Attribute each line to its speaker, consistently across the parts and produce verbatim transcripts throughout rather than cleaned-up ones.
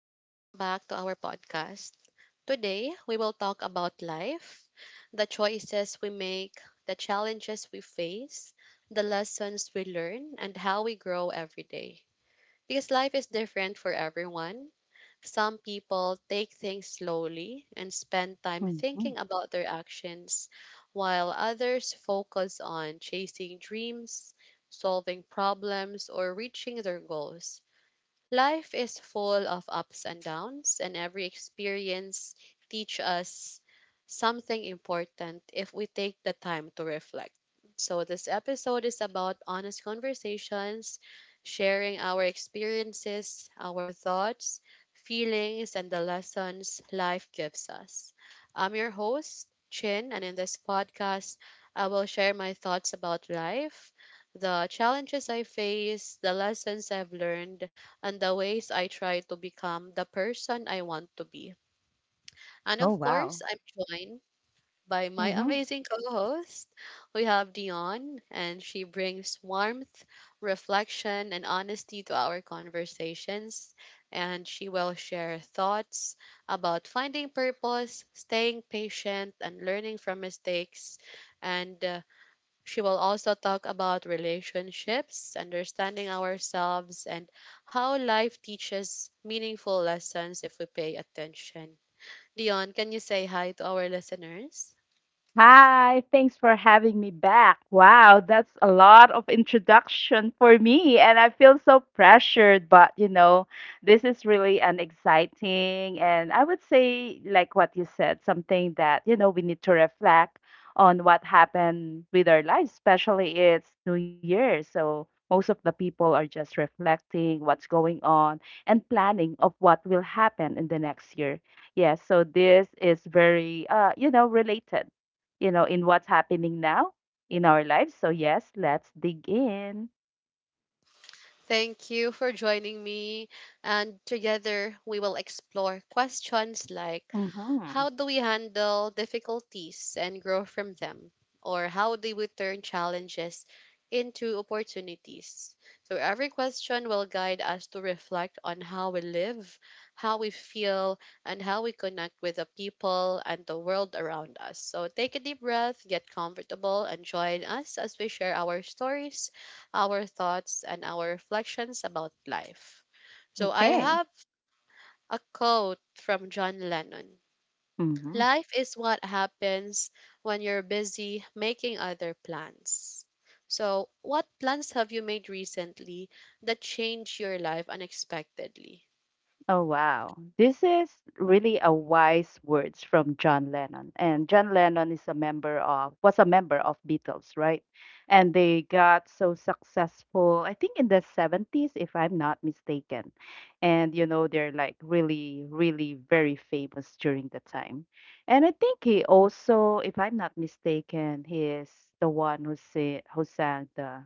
Speaker 1: and welcome back to our podcast. Today, we will talk about life, the choices we make, the challenges we face, the lessons we learn, and how we grow every day. Because life is different for everyone. Some people take things slowly and spend time
Speaker 2: Mhm.
Speaker 1: thinking about their actions, while others focus on chasing dreams, solving problems, or reaching their goals. Life is full of ups and downs, and every experience teach us something important if we take the time to reflect. So this episode is about honest conversations, sharing our experiences, our thoughts, feelings, and the lessons life gives us. I'm your host, Chin, and in this podcast, I will share my thoughts about life, the challenges I face, the lessons I've learned, and the ways I try to become the person I want to be. And
Speaker 2: Oh,
Speaker 1: of course,
Speaker 2: wow.
Speaker 1: I'm joined by my
Speaker 2: Mhm.
Speaker 1: amazing co-host. We have Dion, and she brings warmth, reflection, and honesty to our conversations. And she will share thoughts about finding purpose, staying patient, and learning from mistakes. And uh, she will also talk about relationships, understanding ourselves, and how life teaches meaningful lessons if we pay attention. Dion, can you say hi to our listeners?
Speaker 2: Hi, thanks for having me back. Wow, that's a lot of introduction for me, and I feel so pressured. But you know, this is really an exciting, and I would say, like what you said, something that you know we need to reflect on what happened with our lives, especially it's New Year. So most of the people are just reflecting what's going on and planning of what will happen in the next year. Yes, so this is very, uh, you know, related, you know, in what's happening now in our lives. So yes, let's dig in.
Speaker 1: Thank you for joining me. And together, we will explore questions like
Speaker 2: Mm-hmm.
Speaker 1: how do we handle difficulties and grow from them? Or how do we turn challenges into opportunities? So, every question will guide us to reflect on how we live, how we feel, and how we connect with the people and the world around us. So, take a deep breath, get comfortable, and join us as we share our stories, our thoughts, and our reflections about life. So I
Speaker 2: Okay.
Speaker 1: have a quote from John Lennon.
Speaker 2: Mhm.
Speaker 1: Life is what happens when you're busy making other plans. So, what plans have you made recently that changed your life unexpectedly?
Speaker 2: Oh, wow. This is really a wise words from John Lennon. And John Lennon is a member of was a member of Beatles, right? And they got so successful, I think in the seventies if I'm not mistaken. And you know, they're like really really very famous during the time. And I think he also, if I'm not mistaken, he is the one who say, who sang the,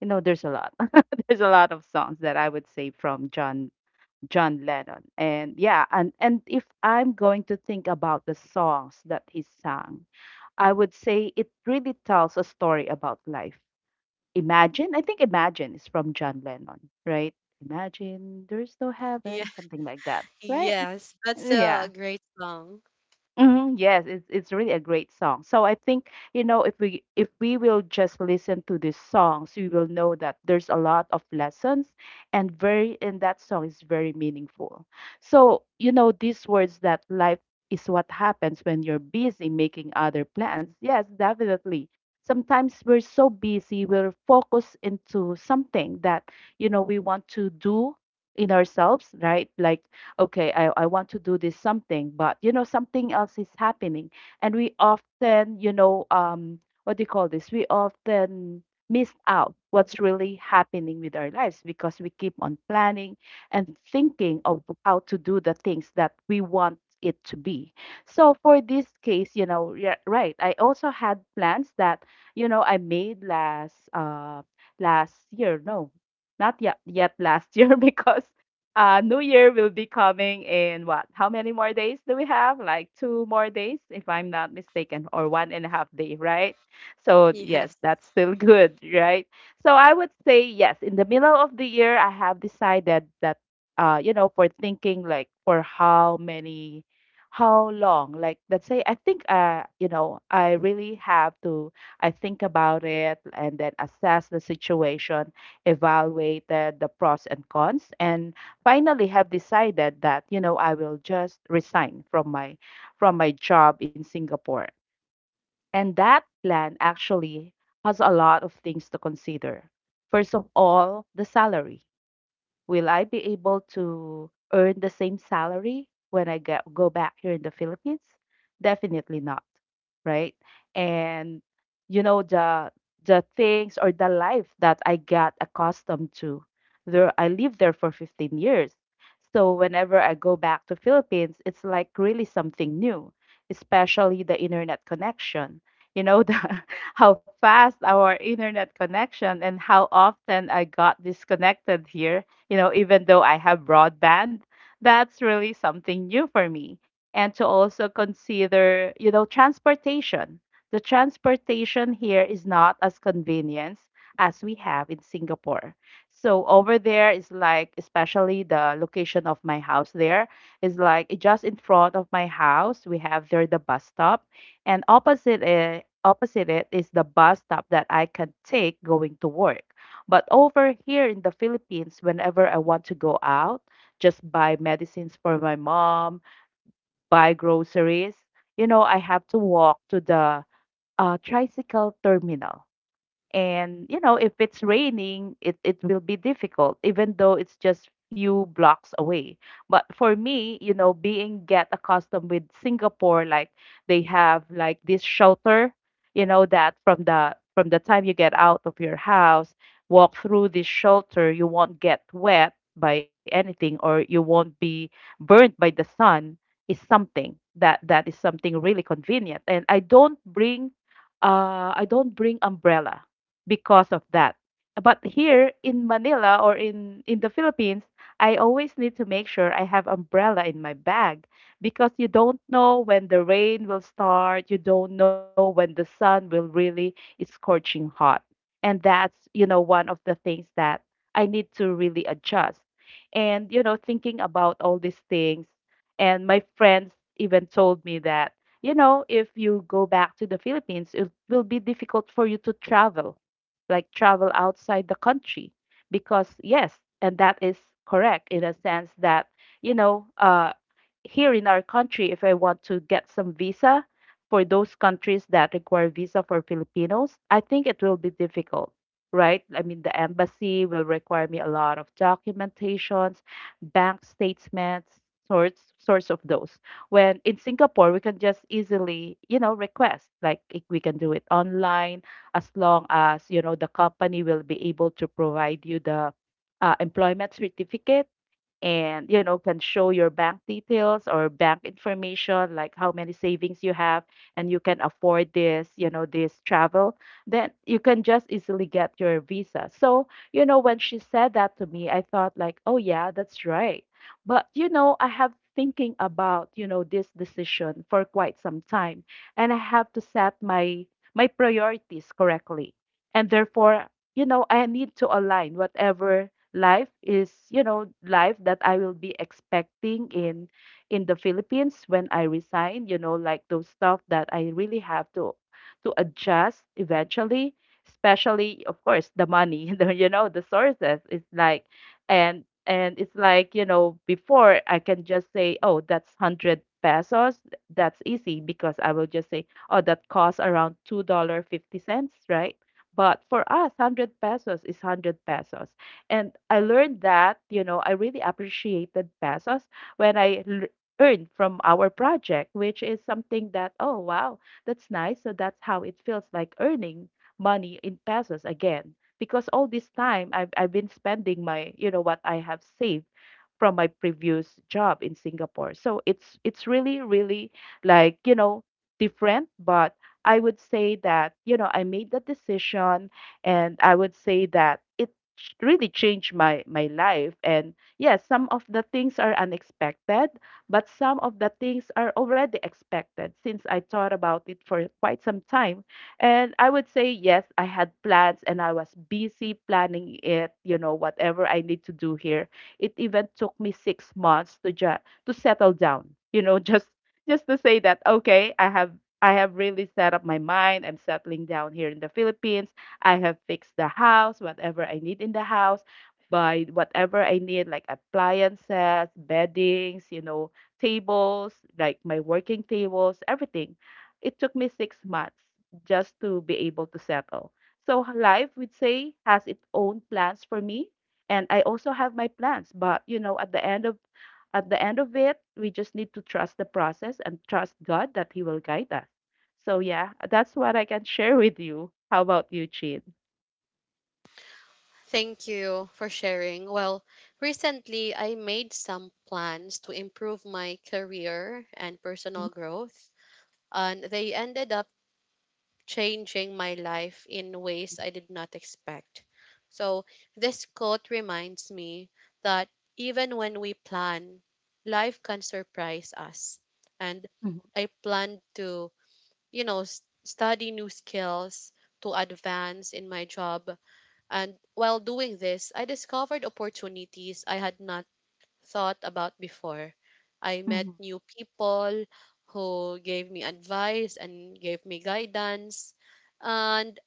Speaker 2: you know, there's a lot. There's a lot of songs that I would say from John John Lennon. And yeah, and and if I'm going to think about the songs that he sang, I would say it really tells a story about life. Imagine, I think Imagine is from John Lennon, right? Imagine there's no
Speaker 1: Yeah,
Speaker 2: heaven, something like that, right?
Speaker 1: yes, that's a
Speaker 2: Yeah.
Speaker 1: great song.
Speaker 2: Mhm, yes, it's it's really a great song. So I think, you know, if we if we will just listen to these songs, we will know that there's a lot of lessons and very and that song is very meaningful. So, you know, these words that life is what happens when you're busy making other plans. Yes, definitely. Sometimes we're so busy, we're focused into something that, you know, we want to do in ourselves, right? Like okay, I, I want to do this something, but you know something else is happening, and we often, you know, um what do you call this, we often miss out what's really happening with our lives because we keep on planning and thinking of how to do the things that we want it to be. So for this case, you know, yeah, right, I also had plans that, you know, I made last uh last year. No, not yet yet last year. Because uh, New Year will be coming in what? How many more days do we have? Like two more days, if I'm not mistaken, or one and a half day, right? So
Speaker 1: Yes.
Speaker 2: yes, that's still good, right? So I would say yes. In the middle of the year, I have decided that uh, you know, for thinking like for how many, how long? Like let's say I think, uh, you know, I really have to. I think about it and then assess the situation, evaluated the pros and cons, and finally have decided that, you know, I will just resign from my from my job in Singapore. And that plan actually has a lot of things to consider. First of all, the salary. Will I be able to earn the same salary when I get go back here in the Philippines? Definitely not, right? And you know the the things or the life that I got accustomed to. There I lived there for fifteen years. So whenever I go back to Philippines, it's like really something new, especially the internet connection. You know the how fast our internet connection and how often I got disconnected here, you know, even though I have broadband. That's really something new for me. And to also consider, you know, transportation. The transportation here is not as convenient as we have in Singapore. So over there is like, especially the location of my house there is like just in front of my house. We have there the bus stop, and opposite it, opposite it is the bus stop that I can take going to work. But over here in the Philippines, whenever I want to go out, just buy medicines for my mom, buy groceries, you know, I have to walk to the uh, tricycle terminal, and you know, if it's raining, it it will be difficult, even though it's just few blocks away. But for me, you know, being get accustomed with Singapore, like they have like this shelter, you know, that from the from the time you get out of your house, walk through this shelter, you won't get wet by anything or you won't be burnt by the sun is something that that is something really convenient. And I don't bring uh I don't bring umbrella because of that. But here in Manila or in in the Philippines, I always need to make sure I have umbrella in my bag because you don't know when the rain will start, you don't know when the sun will really is scorching hot. And that's, you know, one of the things that I need to really adjust. And you know, thinking about all these things and my friends even told me that, you know, if you go back to the Philippines, it will be difficult for you to travel, like travel outside the country, because yes, and that is correct in a sense that, you know, uh here in our country, if I want to get some visa for those countries that require visa for Filipinos, I think it will be difficult, right? I mean, the embassy will require me a lot of documentations, bank statements, source source of those. When in Singapore, we can just easily, you know, request like i- we can do it online, as long as you know the company will be able to provide you the uh, employment certificate, and you know can show your bank details or bank information like how many savings you have and you can afford this, you know, this travel, then you can just easily get your visa. So you know when she said that to me, I thought like, oh yeah, that's right. But you know I have thinking about, you know, this decision for quite some time, and I have to set my my priorities correctly, and therefore, you know, I need to align whatever life is, you know, life that I will be expecting in in the Philippines when I resign, you know, like those stuff that I really have to to adjust eventually, especially of course the money. The, you know, the sources, it's like, and and it's like, you know, before I can just say, oh that's one hundred pesos, that's easy, because I will just say, oh, that costs around two dollars and fifty cents, right? But for us, one hundred pesos is one hundred pesos. And I learned that, you know, I really appreciated pesos when I l- earned from our project, which is something that, oh, wow, that's nice. So that's how it feels like earning money in pesos again. Because all this time I've, I've been spending my, you know, what I have saved from my previous job in Singapore. So it's it's really really like, you know, different, but I would say that, you know, I made the decision, and I would say that it ch- really changed my my life. And yes, some of the things are unexpected, but some of the things are already expected since I thought about it for quite some time. And I would say, yes, I had plans and I was busy planning it, you know, whatever I need to do here. It even took me six months to just to settle down. You know, just just to say that, okay, I have I have really set up my mind. I'm settling down here in the Philippines. I have fixed the house, whatever I need in the house, buy whatever I need, like appliances, beddings, you know, tables, like my working tables, everything. It took me six months just to be able to settle. So life, we'd say, has its own plans for me, and I also have my plans. But you know, at the end of at the end of it, we just need to trust the process and trust God that He will guide us. So yeah, that's what I can share with you. How about you, Chin?
Speaker 1: Thank you for sharing. Well, recently I made some plans to improve my career and personal growth, and they ended up changing my life in ways I did not expect. So, this quote reminds me that even when we plan, life can surprise us. And
Speaker 2: Mm-hmm.
Speaker 1: I planned to, you know, s- study new skills to advance in my job. And while doing this, I discovered opportunities I had not thought about before. I met
Speaker 2: Mm-hmm.
Speaker 1: new people who gave me advice and gave me guidance. And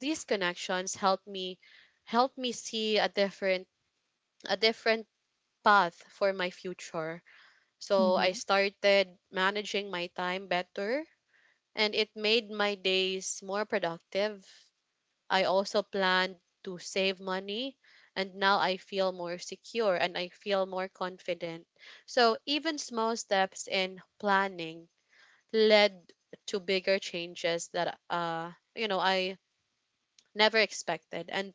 Speaker 1: these connections help me help me see a different a different path for my future. So
Speaker 2: Mm-hmm.
Speaker 1: I started managing my time better and it made my days more productive. I also planned to save money, and now I feel more secure and I feel more confident. So even small steps in planning led to bigger changes that uh you know I never expected, and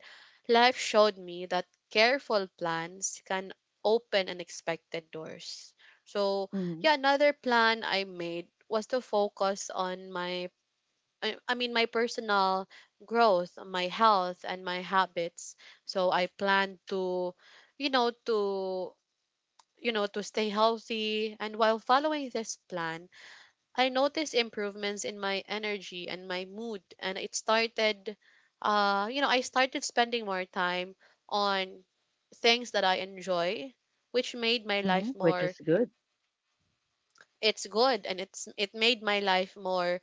Speaker 1: life showed me that careful plans can open unexpected doors. So
Speaker 2: Mm-hmm.
Speaker 1: yeah, another plan I made was to focus on my I, I mean my personal growth, my health, and my habits. So I plan to, you know, to, you know, to stay healthy, and while following this plan, I noticed improvements in my energy and my mood, and it started, uh you know, I started spending more time on things that I enjoy, which made my
Speaker 2: Mm-hmm.
Speaker 1: life
Speaker 2: Which is
Speaker 1: more—
Speaker 2: good.
Speaker 1: it's good, and it's it made my life more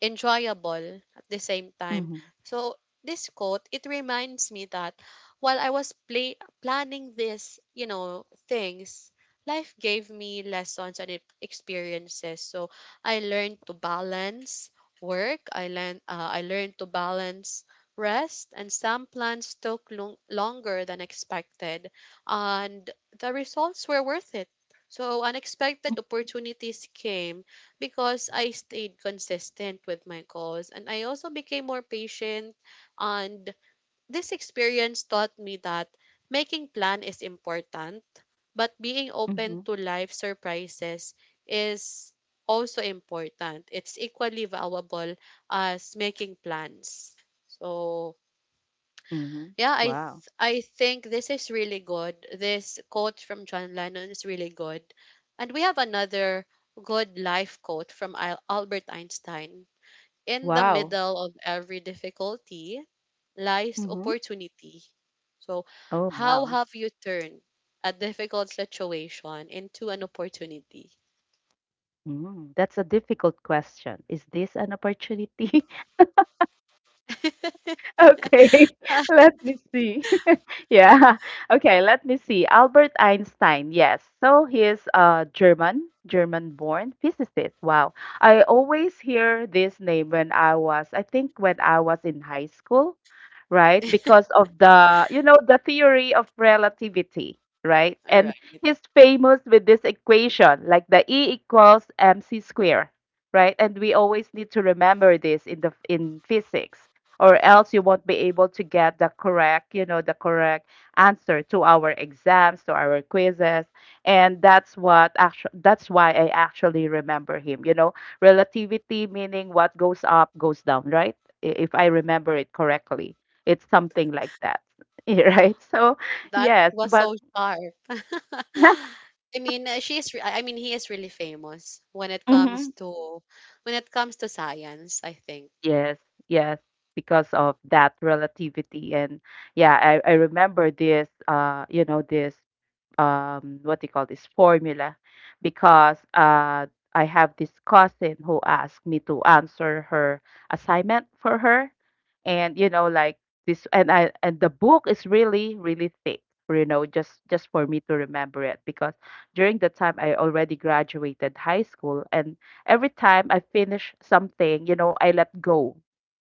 Speaker 1: enjoyable at the same
Speaker 2: Mm-hmm.
Speaker 1: time. So this quote, it reminds me that while I was play, planning this, you know, things, life gave me lessons and e- experiences. So I learned to balance work. I learned uh, I learned to balance rest, and some plans took long, longer than expected, and the results were worth it. So unexpected opportunities came because I stayed consistent with my goals, and I also became more patient, and this experience taught me that making plan is important, but being
Speaker 2: Mm-hmm.
Speaker 1: open to life surprises is also important. It's equally valuable as making plans. So
Speaker 2: Mm-hmm.
Speaker 1: yeah, I
Speaker 2: Wow.
Speaker 1: th- I think this is really good. This quote from John Lennon is really good. And we have another good life quote from Al- Albert Einstein. In the
Speaker 2: Wow.
Speaker 1: middle of every difficulty lies
Speaker 2: Mm-hmm.
Speaker 1: opportunity. So,
Speaker 2: Oh,
Speaker 1: how
Speaker 2: wow.
Speaker 1: have you turned a difficult situation into an opportunity?
Speaker 2: Mm, that's a difficult question. Is this an opportunity? Okay,
Speaker 1: All
Speaker 2: let me see. Yeah, okay, let me see. Albert Einstein, yes. So he is a German, German-born physicist. Wow. I always hear this name when I was, I think when I was in high school, right? Because of the, you know, the theory of relativity, right? And
Speaker 1: right.
Speaker 2: he's famous with this equation, like the E equals mc square, right? And we always need to remember this in the in physics or else you won't be able to get the correct, you know, the correct answer to our exams, to our quizzes. And that's what actually That's why I actually remember him, you know, relativity meaning what goes up goes down, right? I- If I remember it correctly. It's something like that. Right? So,
Speaker 1: That
Speaker 2: yes,
Speaker 1: was
Speaker 2: but
Speaker 1: so sharp. I mean, uh, she's. Re- I I mean, He is really famous when it comes
Speaker 2: hmm
Speaker 1: to— when it comes to science. I think.
Speaker 2: Yes, yes, because of that relativity. And yeah, I, I remember this, uh, you know, this um what do you call this formula because uh I have this cousin who asked me to answer her assignment for her and you know like this and I and the book is really really thick you know just just for me to remember it because during the time I already graduated high school, and every time I finish something, you know, I let go.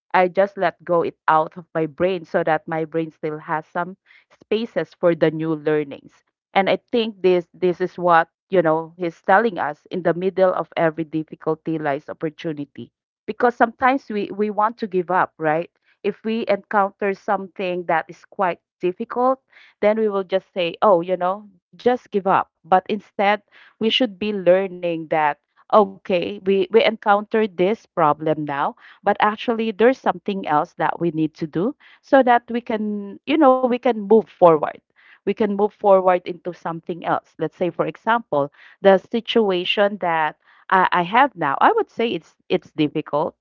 Speaker 2: I just let go it out of my brain so that my brain still has some spaces for the new learnings. And I think this this is what, you know, he's telling us in the middle of every difficulty lies opportunity. Because sometimes we, we want to give up, right? If we encounter something that is quite difficult, then we will just say, oh, you know, just give up. But instead we should be learning that okay, we, we encountered this problem now, but actually there's something else that we need to do so that we can, you know, we can move forward. We can move forward into something else. Let's say, for example, the situation that i, I have now, I would say it's it's difficult,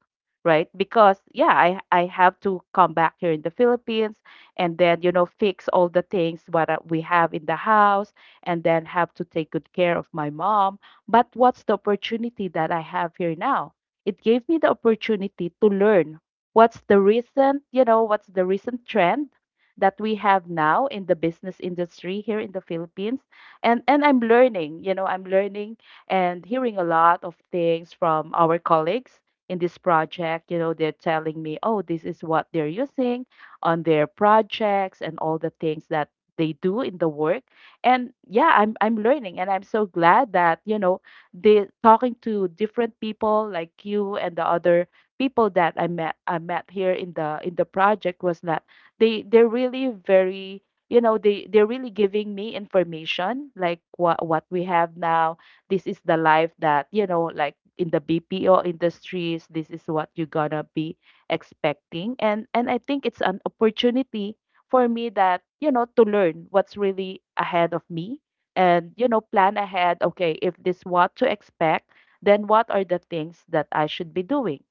Speaker 2: right? Because yeah, i i have to come back here in the Philippines, and then you know fix all the things, what uh, we have in the house, and then have to take good care of my mom. But what's the opportunity that I have here now? It gave me the opportunity to learn what's the recent, you know, what's the recent trend that we have now in the business industry here in the Philippines. And and I'm learning, you know, I'm learning and hearing a lot of things from our colleagues in this project. You know, they're telling me, oh, this is what they're using on their projects and all the things that they do in the work. And yeah, I'm I'm learning, and I'm so glad that, you know, they talking to different people like you, and the other people that I met I met here in the in the project was that they they're really very, you know, they they're really giving me information like what what we have now. This is the life that, you know, like in the B P O industries, this is what you're gonna be expecting. And and I think it's an opportunity for me that, you know, to learn what's really ahead of me, and, you know, plan ahead. Okay, if this what to expect, then what are the things that I should be doing?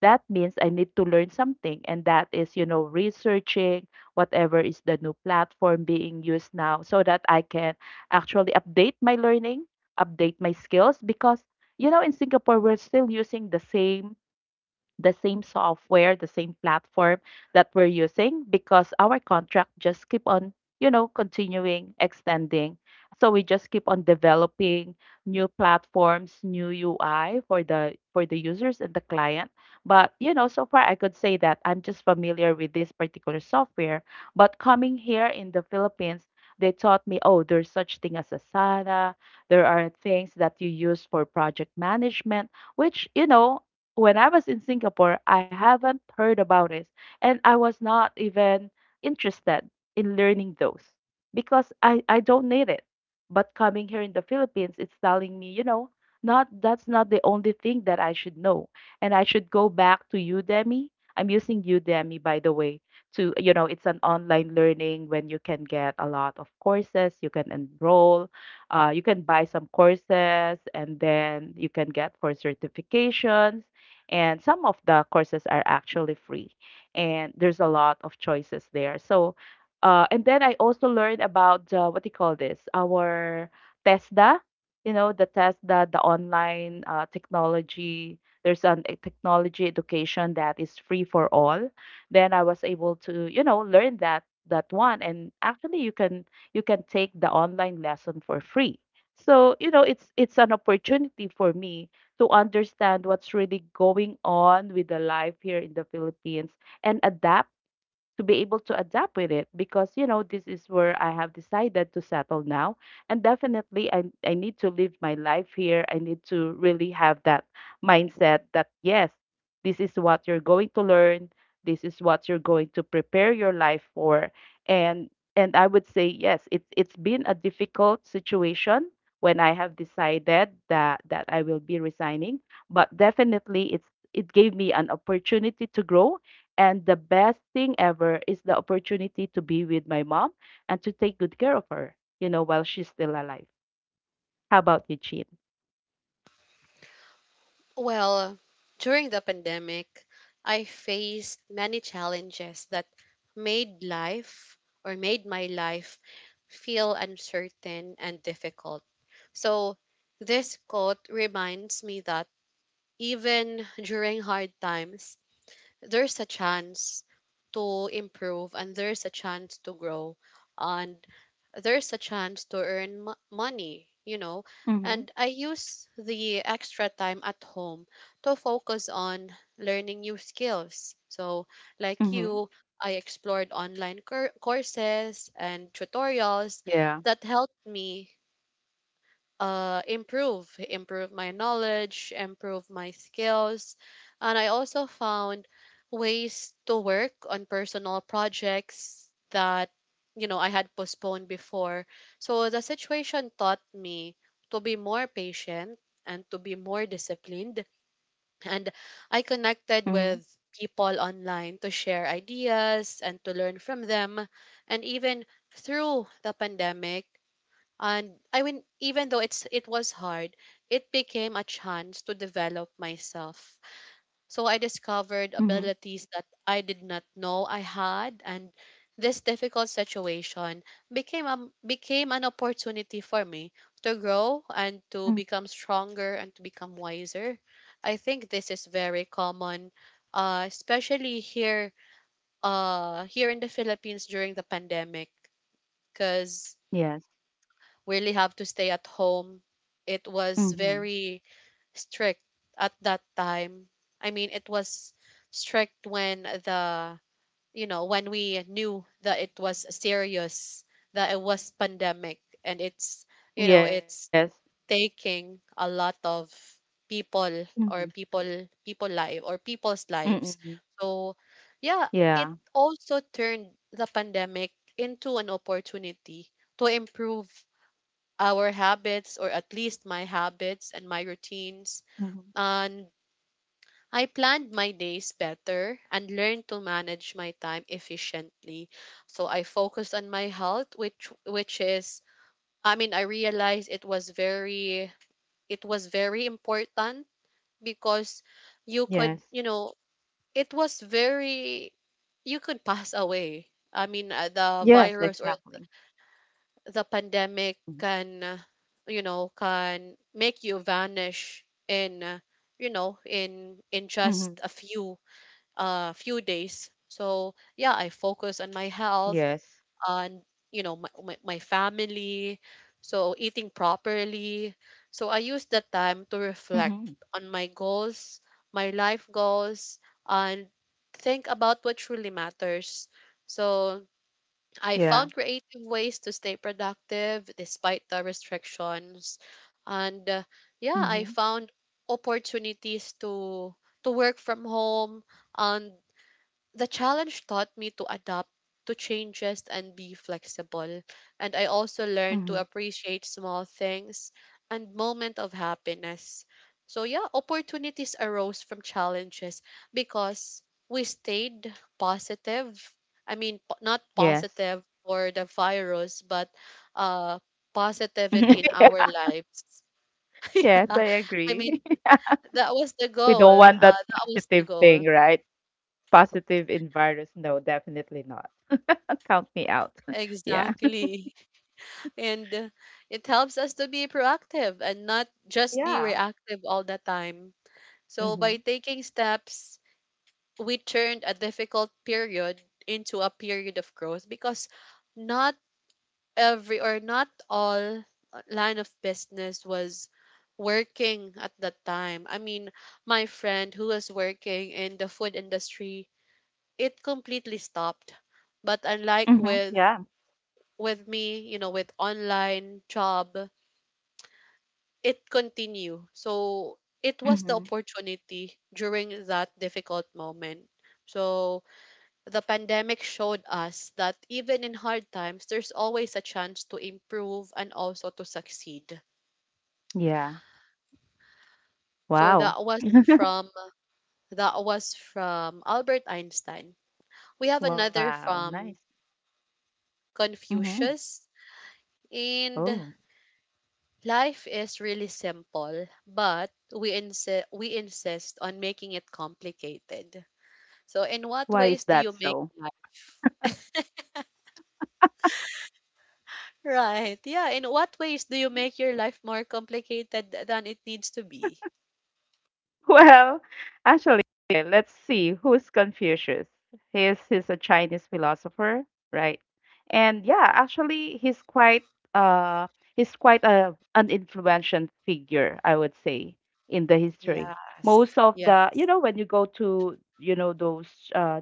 Speaker 2: That means I need to learn something, and that is, you know, researching whatever is the new platform being used now so that I can actually update my learning, update my skills, because you know in Singapore we're still using the same the same software, the same platform that we're using, because our contract just keep on, you know, continuing, extending. So we just keep on developing new platforms, new U I for the for the users and the client. But you know, so far I could say that I'm just familiar with this particular software. But coming here in the Philippines, they taught me, oh, there's such thing as Asana. There are things that you use for project management which, you know, when I was in Singapore, I haven't heard about it, and I was not even interested in learning those because I, I don't need it. But coming here in the Philippines, it's telling me, you know, not that's not the only thing that I should know, and I should go back to Udemy. I'm using Udemy, by the way, to you know, it's an online learning when you can get a lot of courses, you can enroll, uh, you can buy some courses, and then you can get for certifications, and some of the courses are actually free, and there's a lot of choices there. So uh, and then I also learned about uh, what do you call this, our Tesda, you know, the Tesda, the online uh, technology. There's an e- technology education that is free for all. Then I was able to, you know, learn that that one. And actually you can, you can take the online lesson for free. So you know it's it's an opportunity for me to understand what's really going on with the life here in the Philippines, and adapt, to be able to adapt with it, because you know this is where I have decided to settle now, and definitely I I need to live my life here. I need to really have that mindset that yes, this is what you're going to learn, this is what you're going to prepare your life for. and and I would say yes, it's it's been a difficult situation when I have decided that that I will be resigning, but definitely it's it gave me an opportunity to grow. And the best thing ever is the opportunity to be with my mom, and to take good care of her, you know, while she's still alive. How about you, Chin?
Speaker 1: Well, during the pandemic, I faced many challenges that made life or made my life feel uncertain and difficult. So, this quote reminds me that even during hard times, there's a chance to improve, and there's a chance to grow, and there's a chance to earn mo- money, you know.
Speaker 2: Mhm.
Speaker 1: And I use the extra time at home to focus on learning new skills. So
Speaker 2: Mhm.
Speaker 1: like you, I explored online cour courses and
Speaker 2: Yeah.
Speaker 1: tutorials that helped me uh, improve, improve my knowledge, improve my skills. And I also found ways to work on personal projects that, you know, I had postponed before. So the situation taught me to be more patient and to be more disciplined. And
Speaker 2: Mhm.
Speaker 1: I connected with people online to share ideas and to learn from them. And even through the pandemic, and I mean even though it's it was hard, it became a chance to develop myself. So I
Speaker 2: Mhm.
Speaker 1: discovered abilities that I did not know I had, and this difficult situation became a, became an opportunity for me to grow
Speaker 2: Mhm.
Speaker 1: and to become stronger and to become wiser. I think this is very common, uh, especially here uh, here in the Philippines during the pandemic, because
Speaker 2: Yes.
Speaker 1: really have to stay at home. It was
Speaker 2: Mhm.
Speaker 1: very strict at that time. I mean, it was strict when the you know when we knew that it was serious, that it was pandemic, and it's you
Speaker 2: Yes.
Speaker 1: know it's taking a lot of
Speaker 2: Mhm.
Speaker 1: people or people people life or people's
Speaker 2: Mm-mm.
Speaker 1: lives. So
Speaker 2: Yeah.
Speaker 1: yeah, it also turned the pandemic into an opportunity to improve our habits, or at least my habits and my routines,
Speaker 2: Mhm.
Speaker 1: and I planned my days better and learned to manage my time efficiently. So I focused on my health, which— which is I mean I realized it was very— it was very important, because you
Speaker 2: Yes.
Speaker 1: could, you know, it was very— you could pass away. I mean, uh, the
Speaker 2: Yes,
Speaker 1: virus or
Speaker 2: exactly.
Speaker 1: the pandemic
Speaker 2: Mm.
Speaker 1: can, uh, you know, can make you vanish in, uh, you know,
Speaker 2: Mhm.
Speaker 1: in in just a few uh few days. So yeah, I focus
Speaker 2: Yes.
Speaker 1: on my health, on, you know, my, my, my family, so eating properly. So I use that
Speaker 2: Mhm.
Speaker 1: time to reflect on my goals, my life goals, and think about what truly matters. So
Speaker 2: Yeah.
Speaker 1: I found creative ways to stay productive despite the restrictions. And uh,
Speaker 2: Mhm.
Speaker 1: Yeah, I found opportunities to to work from home, and the challenge taught me to adapt to changes and be flexible. And I also
Speaker 2: Mhm.
Speaker 1: learned to appreciate small things and moment of happiness. So yeah, opportunities arose from challenges because we stayed positive. I mean, po- not
Speaker 2: Yes.
Speaker 1: positive for the virus, but uh, positivity in our lives.
Speaker 2: Yes,
Speaker 1: Yeah.
Speaker 2: I
Speaker 1: I mean,
Speaker 2: agree.
Speaker 1: that was the
Speaker 2: We
Speaker 1: goal.
Speaker 2: don't
Speaker 1: Uh,
Speaker 2: want that
Speaker 1: that was the
Speaker 2: positive
Speaker 1: goal.
Speaker 2: thing, right? Positive in virus. No, definitely not. Count me out. Yeah.
Speaker 1: Exactly. and uh, it helps us to be proactive and not just be
Speaker 2: Yeah.
Speaker 1: reactive all the time. So
Speaker 2: Mm-hmm.
Speaker 1: by taking steps, we turned a difficult period into a period of growth, because not every or not all uh, line of business was working at that time. I mean, my friend who was working in the food industry, it completely stopped. But unlike
Speaker 2: Mm-hmm.
Speaker 1: with
Speaker 2: Yeah.
Speaker 1: with me, you know, with online job, it continue. So it was the
Speaker 2: Mm-hmm.
Speaker 1: opportunity during that difficult moment. So the pandemic showed us that even in hard times, there's always a chance to improve and also to succeed.
Speaker 2: Yeah.
Speaker 1: So
Speaker 2: Wow.
Speaker 1: that was from that was from Albert Einstein. We have another
Speaker 2: Wow. Nice.
Speaker 1: from
Speaker 2: Mm-hmm.
Speaker 1: Confucius,
Speaker 2: Oh,
Speaker 1: and life is really simple, but we insist we insist on making it complicated. So in
Speaker 2: why
Speaker 1: what
Speaker 2: is
Speaker 1: ways do
Speaker 2: that
Speaker 1: you make
Speaker 2: so?
Speaker 1: life Right. Yeah, in what ways do you make your life more complicated th- than it needs to be?
Speaker 2: Well, actually, let's see who's Confucius. He's he's a Chinese philosopher, right? And yeah, actually, he's quite uh he's quite a an influential figure, I would say, in the history.
Speaker 1: Yes.
Speaker 2: Most of
Speaker 1: Yeah.
Speaker 2: the you know when you go to you know those uh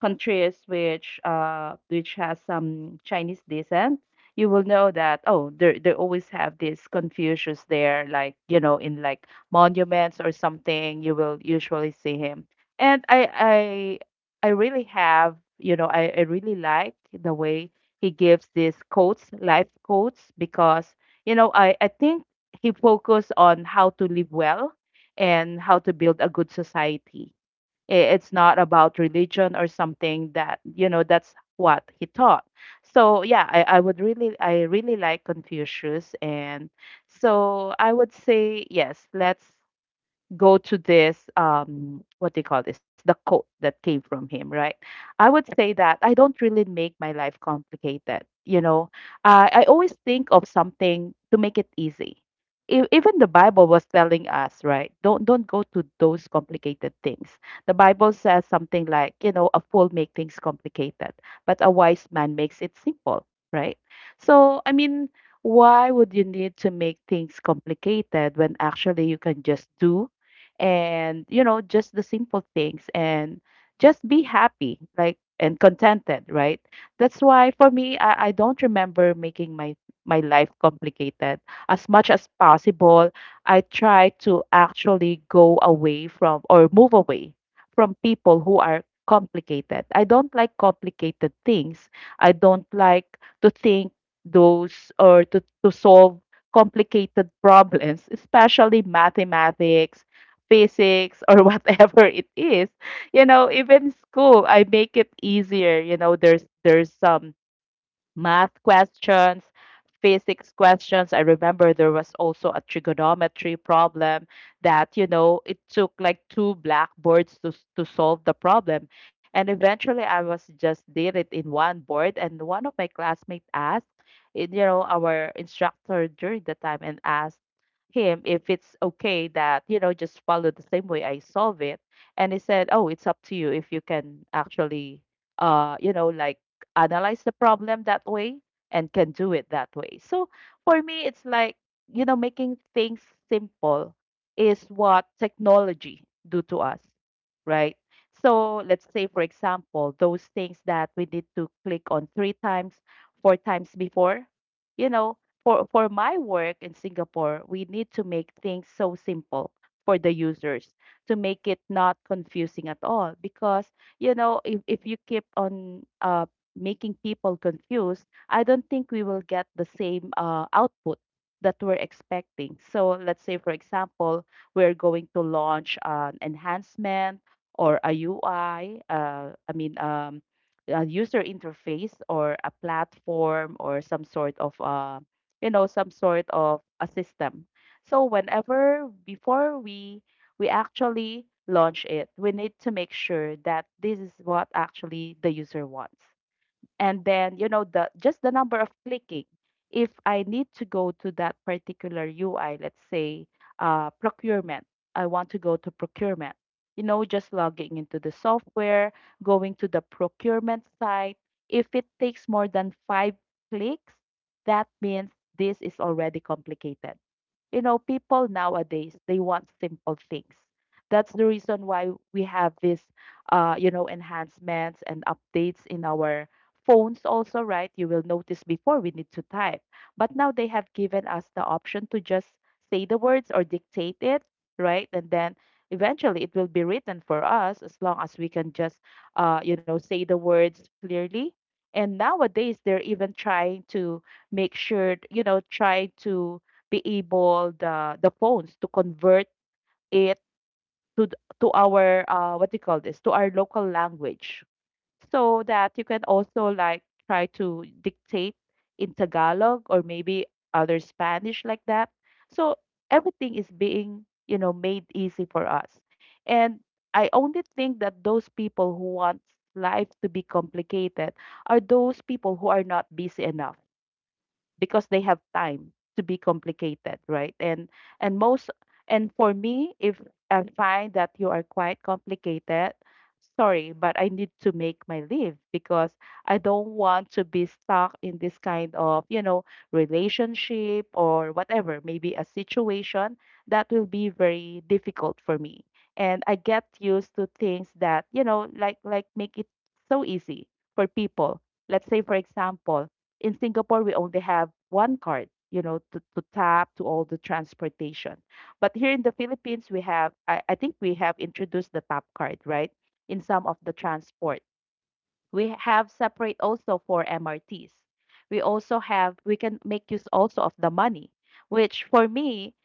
Speaker 2: countries which uh which has some Chinese descent, you will know that oh they they always have this Confucius there, like you know in like monuments or something. You will usually see him, and I I I really have you know I I really like the way he gives these quotes, life quotes, because you know I I think he focused on how to live well and how to build a good society. I- It's not about religion or something that, you know, that's what he taught. So yeah, I, I would really, I really like Confucius. And so I would say, yes, let's go to this um what do you call this, the quote that came from him, right? I would say that I don't really make my life complicated. You know, i i always think of something to make it easy. E- even the Bible was telling us, right, don't don't go to those complicated things. The Bible says something like, you know, a fool make things complicated, but a wise man makes it simple, right? So I mean, why would you need to make things complicated when actually you can just do, and you know, just the simple things, and just be happy like and contented, right? That's why for me i, I don't remember making my my life complicated. As much as possible, I try to actually go away from, or move away from, people who are complicated. I don't like complicated things. I don't like to think those, or to, to solve complicated problems, especially mathematics, physics or whatever it is. You know, even school I make it easier. You know, there's there's some math questions, physics questions. I remember there was also a trigonometry problem that, you know, it took like two blackboards to, s- to solve the problem. And eventually I was just did it in one board. And one of my classmates asked, it- you know, our instructor during the time, and asked him if it's okay that you know just follow the same way I solve it. And he said, oh, it's up to you if you can actually uh you know like analyze the problem that way and can do it that way. So for me, it's like, you know, making things simple is what technology do to us, right? So let's say, for example, those things that we need to click on three times, four times before, you know, for, for my work in Singapore, we need to make things so simple for the users, to make it not confusing at all, because you know if, if you keep on uh, making people confused, I don't think we will get the same uh, output that we're expecting. So let's say, for example, we're going to launch an enhancement or a U I, uh, I mean, um, a user interface or a platform or some sort of, uh, you know, some sort of a system. So whenever before we we actually launch it, we need to make sure that this is what actually the user wants. And then, you know, the just the number of clicking, if I need to go to that particular UI, let's say, uh, procurement. I want to go to procurement, you know, just logging into the software, going to the procurement site. If it takes more than five clicks, that means this is already complicated. You know, people nowadays, they want simple things. That's the reason why we have this, uh, you know, enhancements and updates in our phones also, right? You will notice before we need to type. But now they have given us the option to just say the words or dictate it, right? And then eventually it will be written for us as long as we can just, uh, you know, say the words clearly. And nowadays they're even trying to make sure, you know, try to be able the the phones to convert it to th- to our uh what do you call this, to our local language, so that you can also like try to dictate in Tagalog or maybe other Spanish like that. So everything is being, you know, made easy for us. And I only think that those people who want life to be complicated are those people who are not busy enough because they have time to be complicated, right? And and most and for me, if I find that you are quite complicated, sorry, but I need to make my leave because I don't want to be stuck in this kind of, you know, relationship or whatever, maybe a situation that will be very difficult for me. And I get used to things that, you know, like like make it so easy for people. Let's say, for example, in Singapore, we only have one card, you know, to, to tap to all the transportation. But here in the Philippines, we have, I, I think we have introduced the tap card, right? In some of the transport. We have separate also for M R Ts. We also have, we can make use also of the money, which for me,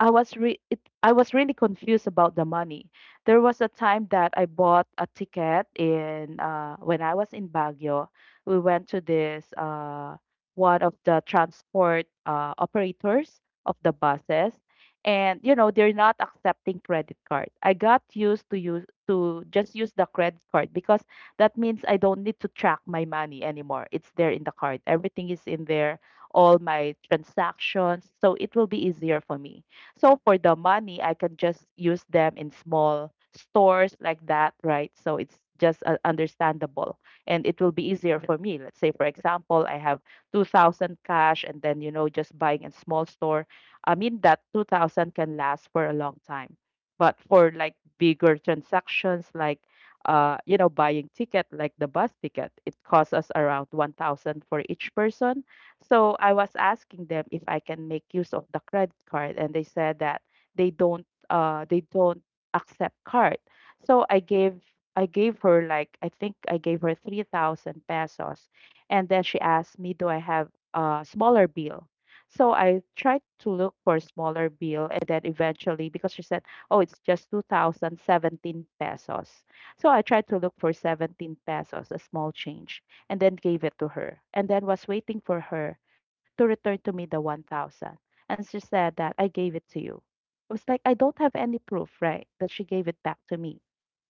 Speaker 2: I was re- it, I was really confused about the money. There was a time that I bought a ticket in uh, when I was in Baguio. We went to this uh, one of the transport uh, operators of the buses, and you know they're not accepting credit card. I got used to use to just use the credit card because that means I don't need to track my money anymore. It's there in the card. Everything is in there. All my transactions, so it will be easier for me. So for the money, I can just use them in small stores like that, right? So it's just uh, understandable and it will be easier for me. Let's say, for example, I have two thousand cash and then, you know, just buying in small store. I mean, that two thousand can last for a long time. But for like bigger transactions, like, uh, you know, buying ticket, like the bus ticket, it costs us around one thousand for each person. So I was asking them if I can make use of the credit card, and they said that they don't uh they don't accept card. So I gave I gave her, like, I think I gave her three thousand pesos, and then she asked me, do I have a smaller bill? So I tried to look for a smaller bill, and then eventually because she said, oh, it's just two thousand seventeen pesos. So I tried to look for seventeen pesos, a small change, and then gave it to her, and then was waiting for her to return to me the one thousand. And she said that I gave it to you. I was like, I don't have any proof, right, that she gave it back to me.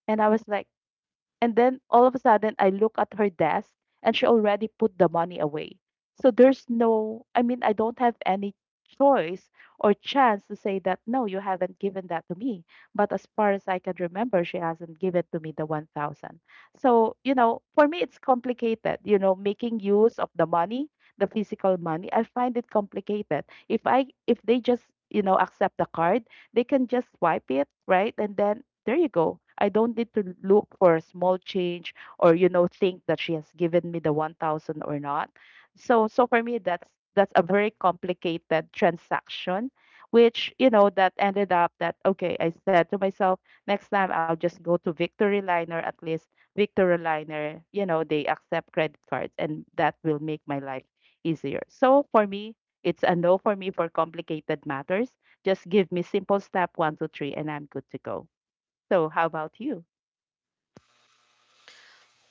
Speaker 2: And I was like, and then all of a sudden, I look at her desk and she already put the money away. So there's no, I mean, I don't have any choice or chance to say that, no, you haven't given that to me. But as far as I can remember, she hasn't given to me the one thousand. So, you know, for me, it's complicated, you know, making use of the money, the physical money. I find it complicated. If I, if they just, you know, accept the card, they can just swipe it, right? And then there you go. I don't need to look for a small change or, you know, think that she has given me the one thousand or not. So so for me, that's that's a very complicated transaction, which, you know, that ended up that, okay, I said to myself, next time I'll just go to Victory Liner. At least Victory Liner, you know, they accept credit cards and that will make my life easier. So for me, it's a no for me for complicated matters. Just give me simple step one, two, three, and I'm good to go. So how about you?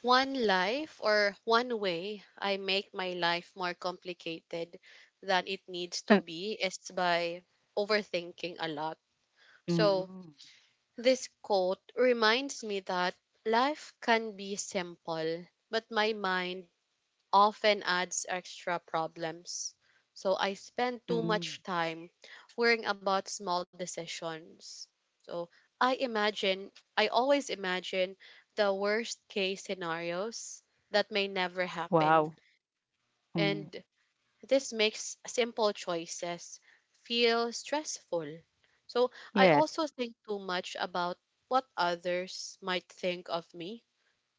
Speaker 1: One life or One way I make my life more complicated than it needs to be is by overthinking a lot. So,
Speaker 2: Mm,
Speaker 1: this quote reminds me that life can be simple, but my mind often adds extra problems. So I spend too
Speaker 2: mm,
Speaker 1: much time worrying about small decisions. So I imagine, I always imagine the worst case scenarios that may never
Speaker 2: wow.
Speaker 1: happen.
Speaker 2: Mm,
Speaker 1: And this makes simple choices feel stressful. So I
Speaker 2: yes.
Speaker 1: also think too much about what others might think of me,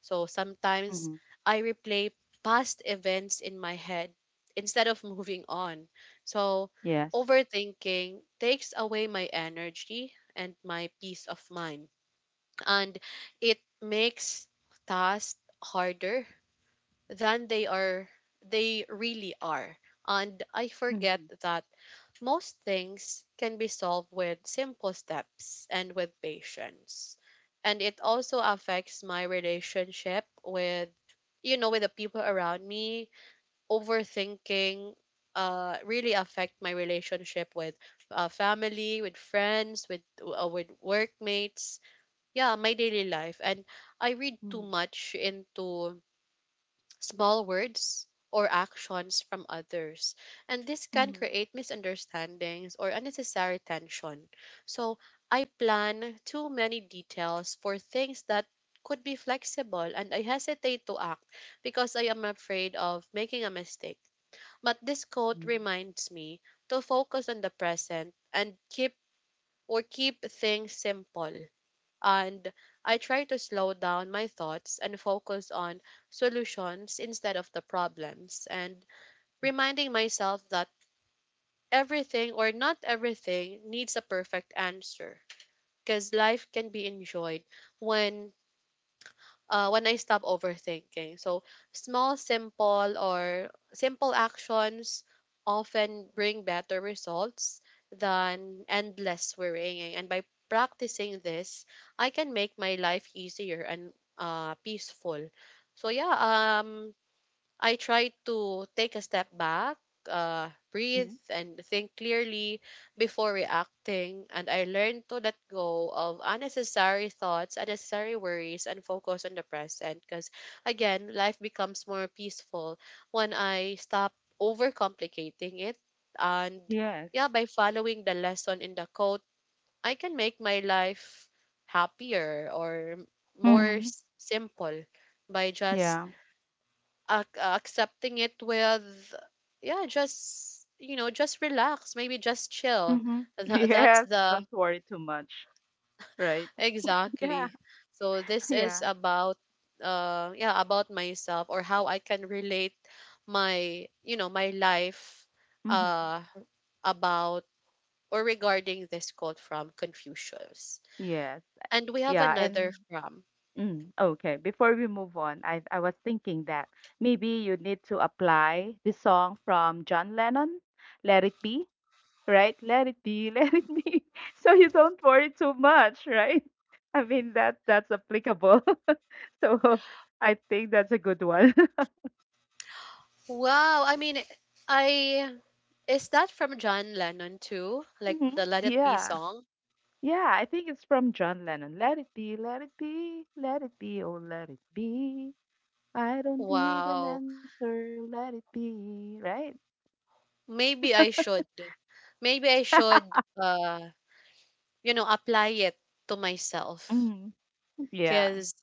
Speaker 1: so sometimes
Speaker 2: Mm,
Speaker 1: I replay past events in my head instead of moving on. So
Speaker 2: yes.
Speaker 1: overthinking takes away my energy and my peace of mind, and it makes tasks harder than they are they really are. And I
Speaker 2: Mm,
Speaker 1: forget that most things can be solved with simple steps and with patience. And it also affects my relationship with you know with the people around me. Overthinking uh really affect my relationship with uh, family, with friends, with uh, with workmates. Yeah, my daily life and I read too
Speaker 2: mm,
Speaker 1: much into small words or actions from others. And this can
Speaker 2: mm,
Speaker 1: create misunderstandings or unnecessary tension. So I plan too many details for things that could be flexible and I hesitate to act because I am afraid of making a mistake. But this quote
Speaker 2: mm,
Speaker 1: reminds me to focus on the present and keep or keep things simple and I try to slow down my thoughts and focus on solutions instead of the problems and reminding myself that everything or not everything needs a perfect answer because life can be enjoyed when uh, when I stop overthinking. So small, simple, or simple actions often bring better results than endless worrying. And by practicing this, I can make my life easier and uh, peaceful. So yeah, um, I try to take a step back, uh,
Speaker 2: mm,
Speaker 1: breathe, and think clearly before reacting. And I learn to let go of unnecessary thoughts, unnecessary worries, and focus on the present. Because again, life becomes more peaceful when I stop overcomplicating it. And
Speaker 2: yes.
Speaker 1: yeah, by following the lesson in the quote, I can make my life happier or more
Speaker 2: Mm,
Speaker 1: s- simple by just
Speaker 2: yeah.
Speaker 1: ac- uh, accepting it with yeah just you know just relax, maybe just chill.
Speaker 2: Mm,
Speaker 1: Tha- that's
Speaker 2: yes.
Speaker 1: the
Speaker 2: Don't worry too much, right? Yeah.
Speaker 1: exactly. So this is
Speaker 2: Yeah.
Speaker 1: about uh yeah, about myself or how I can relate my you know my life
Speaker 2: Mm,
Speaker 1: uh about or regarding this quote from Confucius.
Speaker 2: yes.
Speaker 1: And we have
Speaker 2: Yeah,
Speaker 1: another
Speaker 2: and
Speaker 1: from,
Speaker 2: mm, okay, before we move on, I I was thinking that maybe you need to apply the song from John Lennon, Let It Be. Right? Let it be, let it be. So you don't worry too much, right? I mean that that's applicable. So I think that's a good one.
Speaker 1: wow, I mean, I is that from John Lennon too, like
Speaker 2: Hmm.
Speaker 1: the Let It Be
Speaker 2: Yeah.
Speaker 1: song?
Speaker 2: Yeah, I think it's from John Lennon. Let it be, let it be, let it be, oh let it be. I don't need an
Speaker 1: Wow.
Speaker 2: answer, let it be, right?
Speaker 1: Maybe I should. Maybe I should uh you know apply it to myself
Speaker 2: Mhm. Yeah.
Speaker 1: cuz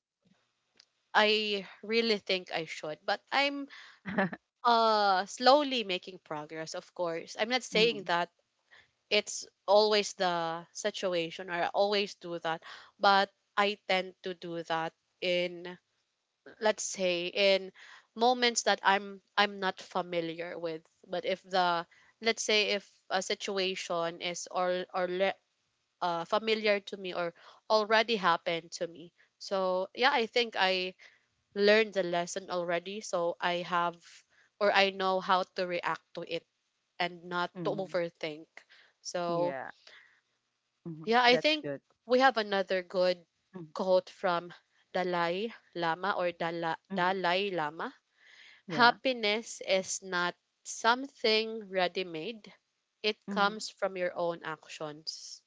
Speaker 1: I really think I should. But I'm uh slowly making progress, of course. I'm not
Speaker 2: Hmm.
Speaker 1: saying that it's always the situation or I always do that, but I tend to do that in, let's say, in moments that i'm i'm not familiar with, but if the, let's say, if a situation is or or le- uh, familiar to me or already happened to me, so yeah, I think I learned the lesson already, so I have or I know how to react to it and not to
Speaker 2: Hmm.
Speaker 1: overthink. So
Speaker 2: Yeah. Hmm.
Speaker 1: yeah, I
Speaker 2: That's
Speaker 1: think
Speaker 2: good.
Speaker 1: we have another good
Speaker 2: Hmm.
Speaker 1: quote from dalai lama or Dala,
Speaker 2: Hmm.
Speaker 1: Dalai Lama.
Speaker 2: Yeah.
Speaker 1: Happiness is not something ready made, it comes from your own actions.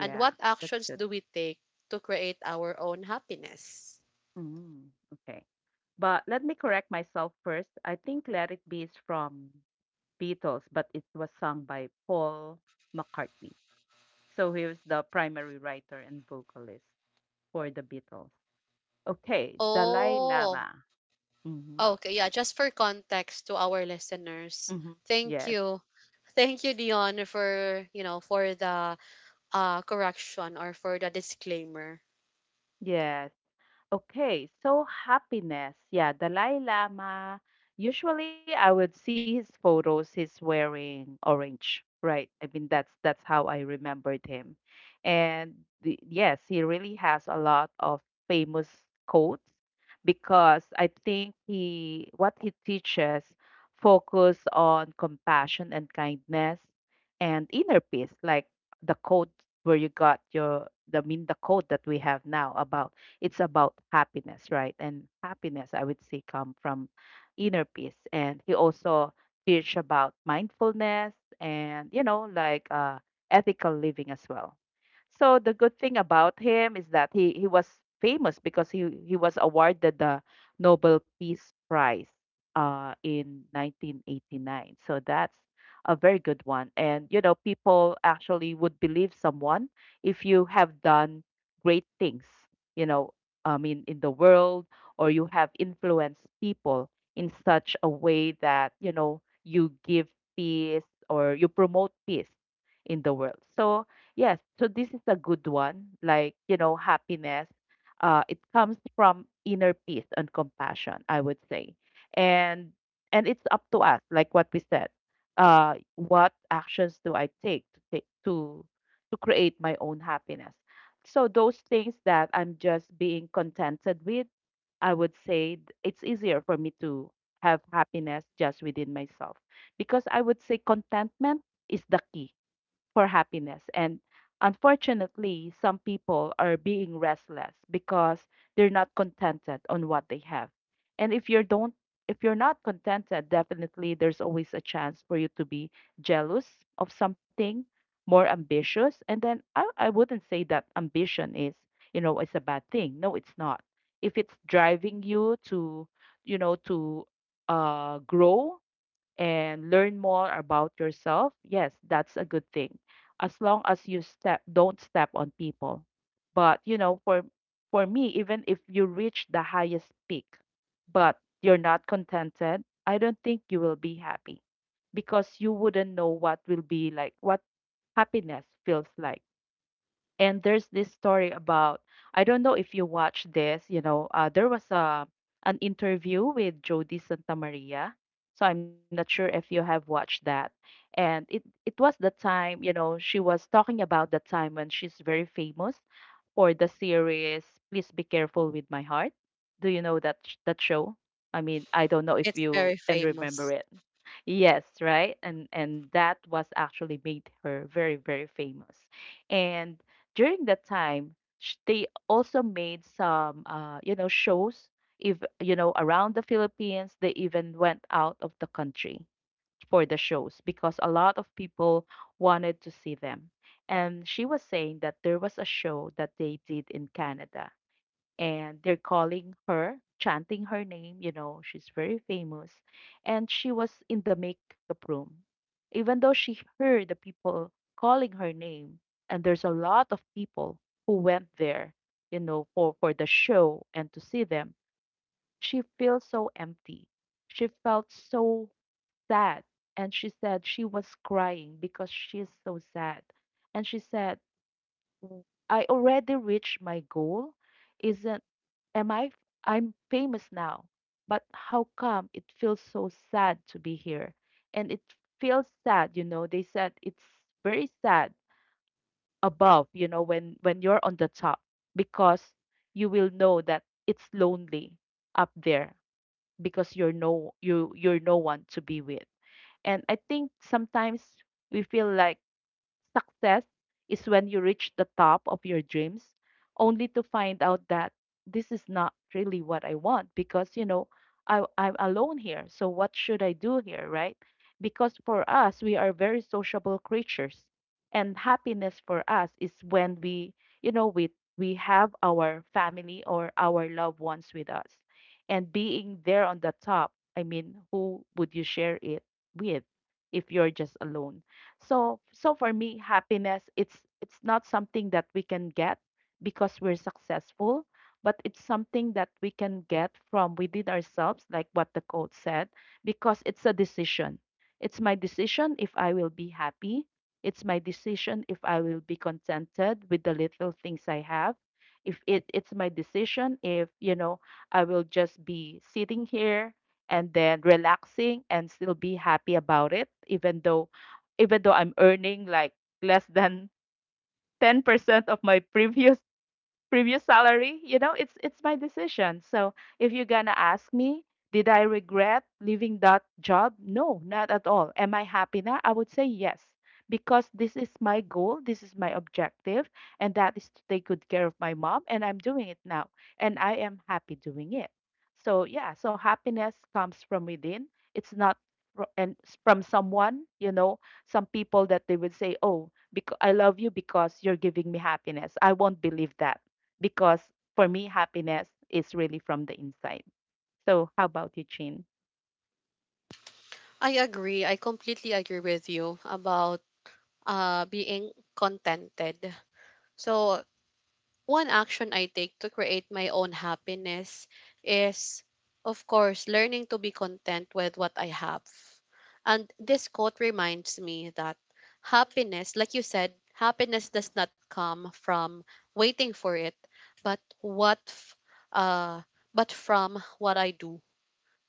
Speaker 1: And what
Speaker 2: that's
Speaker 1: actions
Speaker 2: good.
Speaker 1: do we take to create our own happiness?
Speaker 2: Mm, okay. But let me correct myself first. I think Let It Be is from Beatles, but it was sung by Paul McCartney. So he was the primary writer and vocalist for the Beatles. Okay, Dalai
Speaker 1: Oh,
Speaker 2: Lama. Mm-hmm.
Speaker 1: okay. Yeah, just for context to our listeners.
Speaker 2: Mm-hmm.
Speaker 1: Thank
Speaker 2: Yes.
Speaker 1: you. Thank you, Dion, for you know for the uh, correction or for the disclaimer.
Speaker 2: Yes. Okay, so happiness. Yeah, Dalai Lama. Usually I would see his photos, he's wearing orange, right? I mean that's that's how I remembered him. And the, yes, he really has a lot of famous quotes because I think he what he teaches focus on compassion and kindness and inner peace, like the quote where you got your the I mean the quote that we have now about, it's about happiness, right? And happiness, I would say, come from inner peace. And he also teach about mindfulness and, you know, like uh, ethical living as well. So the good thing about him is that he, he was famous because he, he was awarded the Nobel Peace Prize uh, in nineteen eighty-nine. So that's a very good one. And, you know, people actually would believe someone if you have done great things, you know, I mean, in the world, or you have influenced people in such a way that, you know, you give peace or you promote peace in the world. So, yes, so this is a good one. Like, you know, happiness, uh, it comes from inner peace and compassion, I would say. And and it's up to us, like what we said. Uh, what actions do I take to take to to create my own happiness? So those things that I'm just being contented with, I would say th- it's easier for me to have happiness just within myself because I would say contentment is the key for happiness. And unfortunately, some people are being restless because they're not contented on what they have. And if you don't if you're not contented, definitely there's always a chance for you to be jealous of something, more ambitious. And then I, I wouldn't say that ambition is, you know, it's a bad thing. No, it's not. If it's driving you to, you know, to uh, grow and learn more about yourself, yes, that's a good thing. As long as you step don't step on people. But you know, for for me, even if you reach the highest peak, but you're not contented, I don't think you will be happy because you wouldn't know what will be like what happiness feels like. And there's this story about, I don't know if you watch this, you know, uh, there was a an interview with Jody Santamaria. So I'm not sure if you have watched that. And it it was the time, you know, she was talking about the time when she's very famous for the series Please Be Careful with My Heart. Do you know that sh- that show? I mean, I don't know if
Speaker 1: It's
Speaker 2: you
Speaker 1: very
Speaker 2: can remember
Speaker 1: famous.
Speaker 2: it. Yes, right? And and that was actually made her very very famous. And during that time, sh- they also made some, uh, you know, shows. If you know around the Philippines, they even went out of the country for the shows because a lot of people wanted to see them. And she was saying that there was a show that they did in Canada, and they're calling her, chanting her name. You know, she's very famous. And she was in the makeup room. Even though she heard the people calling her name, and there's a lot of people who went there, you know, for, for the show and to see them, she feels so empty. She felt so sad. And she said she was crying because she is so sad. And she said, Mm. I already reached my goal. Isn't am I f- I'm famous now, but how come it feels so sad to be here? And it feels sad, you know. They said it's very sad above, you know, when when you're on the top because you will know that it's lonely up there because you're no you you're no one to be with. And I think sometimes we feel like success is when you reach the top of your dreams only to find out that this is not really what I want because, you know, I, I'm alone here. So what should I do here, right? Because for us, we are very sociable creatures. And happiness for us is when we, you know, we, we have our family or our loved ones with us. And being there on the top, I mean, who would you share it with if you're just alone? So so for me, happiness it's it's not something that we can get because we're successful, but it's something that we can get from within ourselves, like what the coach said, because it's a decision. It's my decision if I will be happy. It's my decision if I will be contented with the little things I have. If it, it's my decision if, you know, I will just be sitting here and then relaxing and still be happy about it, even though even though I'm earning like less than ten percent of my previous previous salary. You know, it's it's my decision. So if you're gonna ask me, did I regret leaving that job? No, not at all. Am I happy now? I would say yes, because this is my goal, this is my objective, and that is to take good care of my mom, and I'm doing it now, and I am happy doing it. So yeah, so happiness comes from within. It's not fro- and s- from someone, you know, some people that they would say, oh, because I love you, because you're giving me happiness, I won't believe that. Because for me, happiness is really from the inside. So, how about you, Chin?
Speaker 1: I agree. I completely agree with you about uh being contented. So one action I take to create my own happiness is, of course, learning to be content with what I have. And this quote reminds me that happiness, like you said, happiness does not come from waiting for it, but what, f- uh, but from what I do.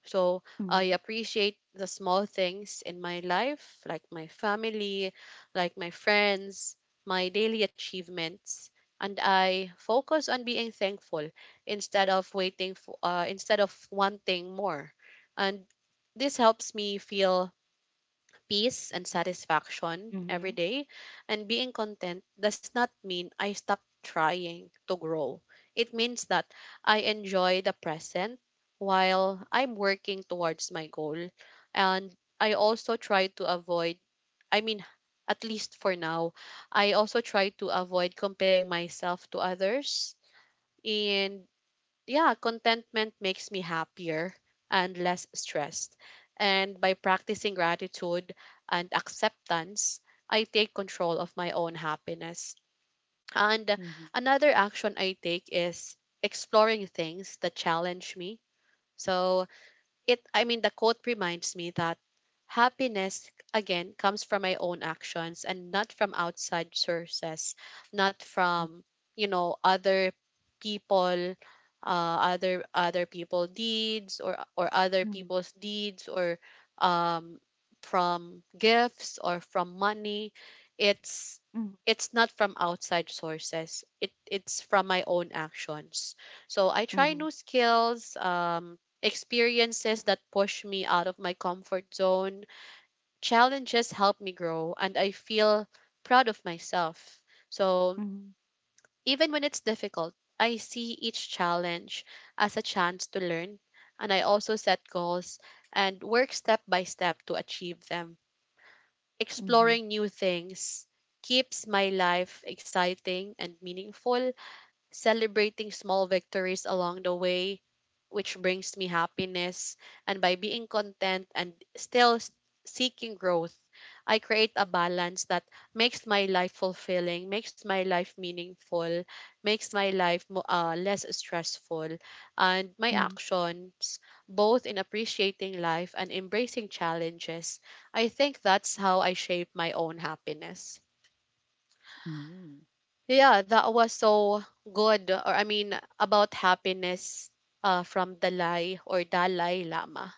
Speaker 1: So I
Speaker 2: Mhm.
Speaker 1: appreciate the small things in my life, like my family, like my friends, my daily achievements, and I focus on being thankful instead of waiting for uh, instead of wanting more. And this helps me feel peace and satisfaction
Speaker 2: Mhm.
Speaker 1: every day. And being content does not mean I stop trying to grow. It means that I enjoy the present while I'm working towards my goal. And I also try to avoid, I mean, at least for now, I also try to avoid comparing myself to others. And yeah, contentment makes me happier and less stressed. And by practicing gratitude and acceptance, I take control of my own happiness. And
Speaker 2: Mhm.
Speaker 1: another action I take is exploring things that challenge me. So it, I mean, the quote reminds me that happiness again comes from my own actions and not from outside sources, not from, you know, other people, uh, other other people deeds or or other
Speaker 2: Mhm.
Speaker 1: people's deeds or um from gifts or from money. It's
Speaker 2: Mhm.
Speaker 1: it's not from outside sources. It it's from my own actions. So I try
Speaker 2: Mhm.
Speaker 1: new skills. Um, experiences that push me out of my comfort zone. Challenges help me grow and I feel proud of myself. So,
Speaker 2: Mhm.
Speaker 1: even when it's difficult, I see each challenge as a chance to learn, and I also set goals and work step by step to achieve them.
Speaker 2: Mhm.
Speaker 1: Exploring new things keeps my life exciting and meaningful, celebrating small victories along the way, which brings me happiness. And by being content and still s- seeking growth, I create a balance that makes my life fulfilling, makes my life meaningful, makes my life mo- uh, less stressful. And my
Speaker 2: Mhm.
Speaker 1: actions, both in appreciating life and embracing challenges, I think that's how I shape my own happiness.
Speaker 2: Mhm.
Speaker 1: Yeah, that was so good. Or I mean, about happiness uh, from Dalai or Dalai Lama.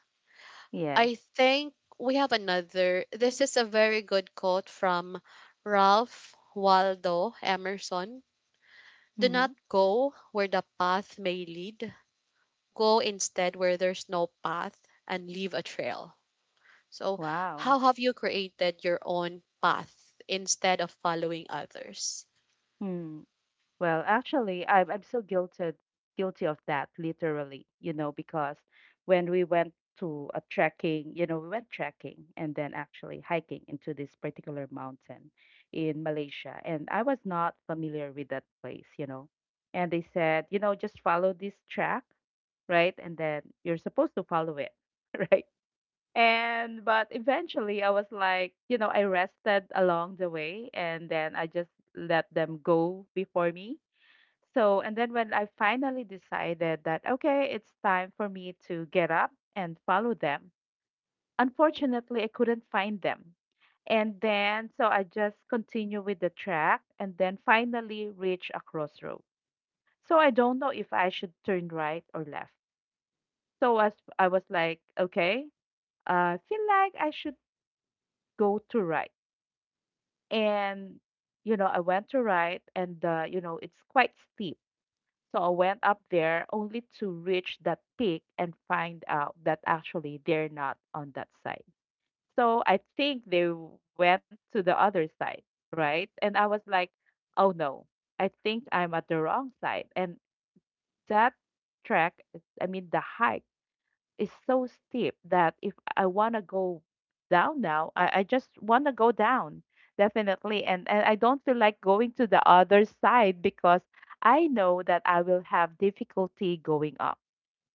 Speaker 2: Yes.
Speaker 1: I think we have another. This is a very good quote from Ralph Waldo Emerson. Do not
Speaker 2: Mhm.
Speaker 1: go where the path may lead. Go instead where there's no path and leave a trail. So, how
Speaker 2: Wow.
Speaker 1: have you created your own path instead of following others?
Speaker 2: Hmm. Well, actually, I'm I'm so guilted guilty of that, literally, you know, because when we went to a trekking, you know, we went trekking and then actually hiking into this particular mountain in Malaysia, and I was not familiar with that place, you know. And they said, you know, just follow this track, right? And then you're supposed to follow it, right? And but eventually I was like, you know, I rested along the way and then I just let them go before me. So, and then when I finally decided that, okay, it's time for me to get up and follow them, unfortunately, I couldn't find them. And then, so I just continue with the track and then finally reach a crossroad. So I don't know if I should turn right or left. So as I was like, okay, I feel like I should go to right. And, you know, I went to right and, uh, you know, it's quite steep. So I went up there only to reach that peak and find out that actually they're not on that side. So I think they w- went to the other side, right? And I was like, oh no, I think I'm at the wrong side. And that trek, I mean, the hike is so steep that if I want to go down now, I, I just want to go down, definitely. And, and I don't feel like going to the other side because I know that I will have difficulty going up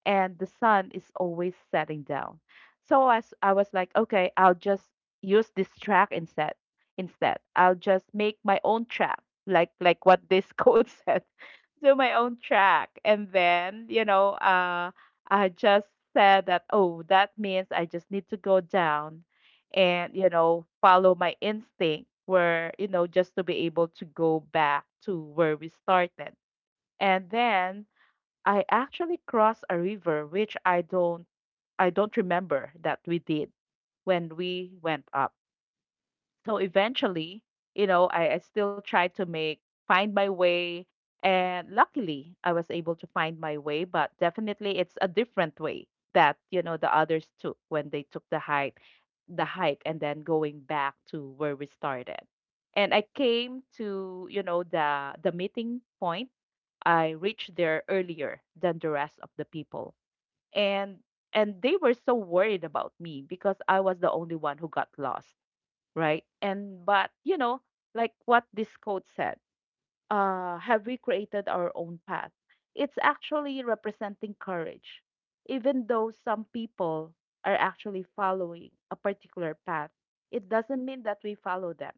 Speaker 2: and the sun is always setting down. So as I was like, okay, I'll just use this track instead. Instead, I'll just make my own track, like like what this code said, do my own track, and then you know, uh, I just said that oh, that means I just need to go down, and you know, follow my instinct, where you know, just to be able to go back to where we started. And then I actually crossed a river which I don't I don't remember that we did when we went up. So eventually, you know, I, I still tried to make find my way, and luckily I was able to find my way, but definitely it's a different way that, you know, the others took when they took the hike the hike and then going back to where we started. And I came to, you know, the the meeting point. I reached there earlier than the rest of the people. And and they were so worried about me because I was the only one who got lost, right? And but you know, like what this quote said, uh, have we created our own path? It's actually representing courage. Even though some people are actually following a particular path, it doesn't mean that we follow them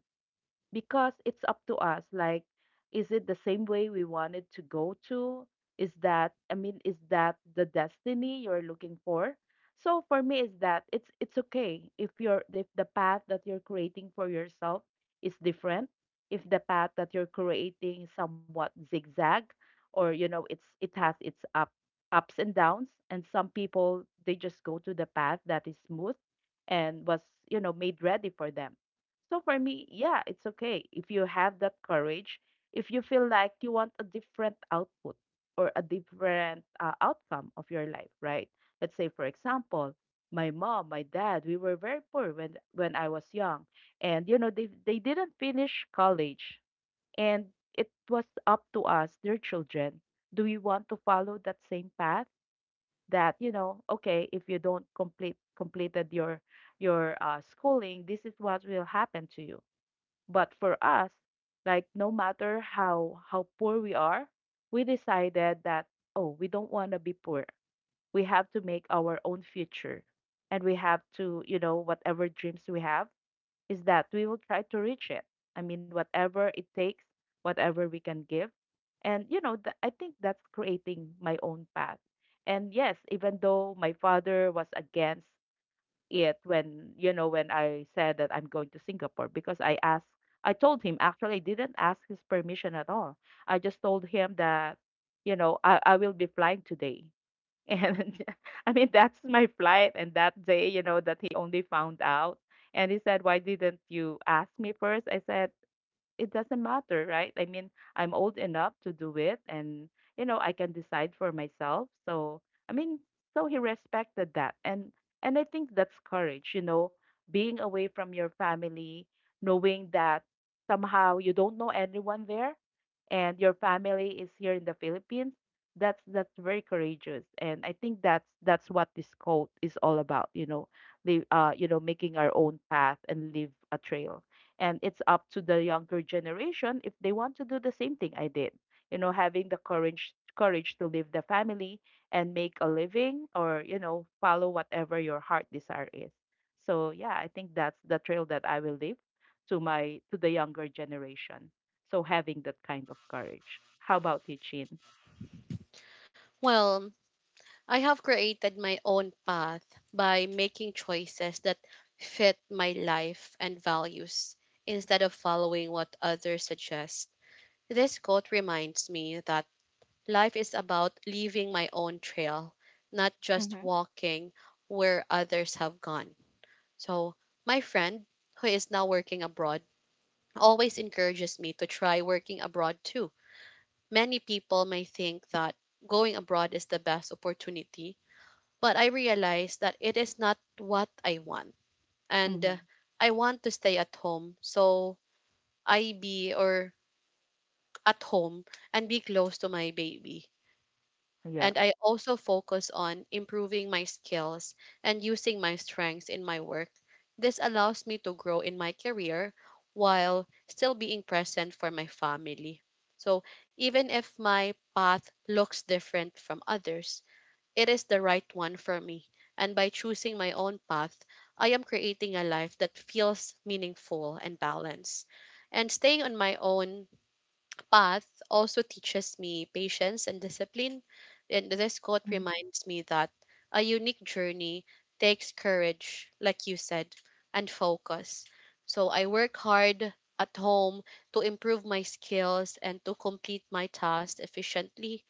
Speaker 2: because it's up to us, like, is it the same way we wanted to go to? Is that, I mean, is that the destiny you're looking for? So for me is that, it's it's okay if you're if the path that you're creating for yourself is different, if the path that you're creating is somewhat zigzag, or you know, it's it has its up ups and downs, and some people they just go to the path that is smooth and was, you know, made ready for them. So for me, yeah, it's okay if you have that courage, if you feel like you want a different output or a different uh, outcome of your life, right? Let's say, for example, my mom, my dad, we were very poor when when I was young, and you know they they didn't finish college, and it was up to us, their children. Do we want to follow that same path? That you know, okay, if you don't complete completed your your uh, schooling, this is what will happen to you, but for us, like no matter how how poor we are, we decided that oh, we don't want to be poor. We have to make our own future and we have to, you know, whatever dreams we have is that we will try to reach it. I mean, whatever it takes, whatever we can give. And you know, th- I think that's creating my own path. And yes, even though my father was against it when you know when I said that I'm going to Singapore because I asked I told him, actually I didn't ask his permission at all. I just told him that you know I, I will be flying today. And I mean that's my flight and that day you know that he only found out and he said why didn't you ask me first? I said it doesn't matter, right? I mean, I'm old enough to do it and you know, I can decide for myself. So, I mean, so he respected that. And and I think that's courage, you know, being away from your family, knowing that somehow you don't know anyone there and your family is here in the Philippines. That's that's very courageous. And I think that's that's what this code is all about, you know, the uh, you know, making our own path and leave a trail, and it's up to the younger generation if they want to do the same thing I did. You know, having the courage courage to leave the family and make a living or, you know, follow whatever your heart desire is. So yeah, I think that's the trail that I will leave to my to the younger generation. So having that kind of courage. How about you, Chin?
Speaker 1: Well, I have created my own path by making choices that fit my life and values instead of following what others suggest. This quote reminds me that life is about leaving my own trail, not
Speaker 2: Mm-hmm.
Speaker 1: just walking where others have gone. So, my friend who is now working abroad always encourages me to try working abroad too. Many people may think that going abroad is the best opportunity, but I realized that it is not what I want. And uh,
Speaker 2: Mm-hmm.
Speaker 1: I want to stay at home. So I be or at home and be close to my baby.
Speaker 2: Yeah.
Speaker 1: And I also focus on improving my skills and using my strengths in my work. This allows me to grow in my career while still being present for my family. So even if my path looks different from others, it is the right one for me. And by choosing my own path, I am creating a life that feels meaningful and balanced. And staying on my own path also teaches me patience and discipline. And this
Speaker 2: Mm-hmm.
Speaker 1: quote reminds me that a unique journey takes courage, like you said, and focus. So I work hard at home to improve my skills and to complete my tasks efficiently.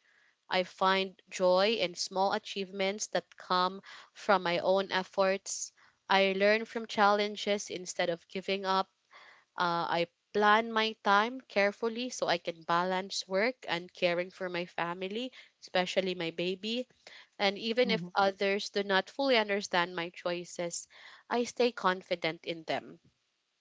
Speaker 1: I find joy in small achievements that come from my own efforts. I learn from challenges instead of giving up. Uh, I plan my time carefully so I can balance work and caring for my family, especially my baby. And even if
Speaker 2: Mm-hmm.
Speaker 1: others do not fully understand my choices, I stay confident in them.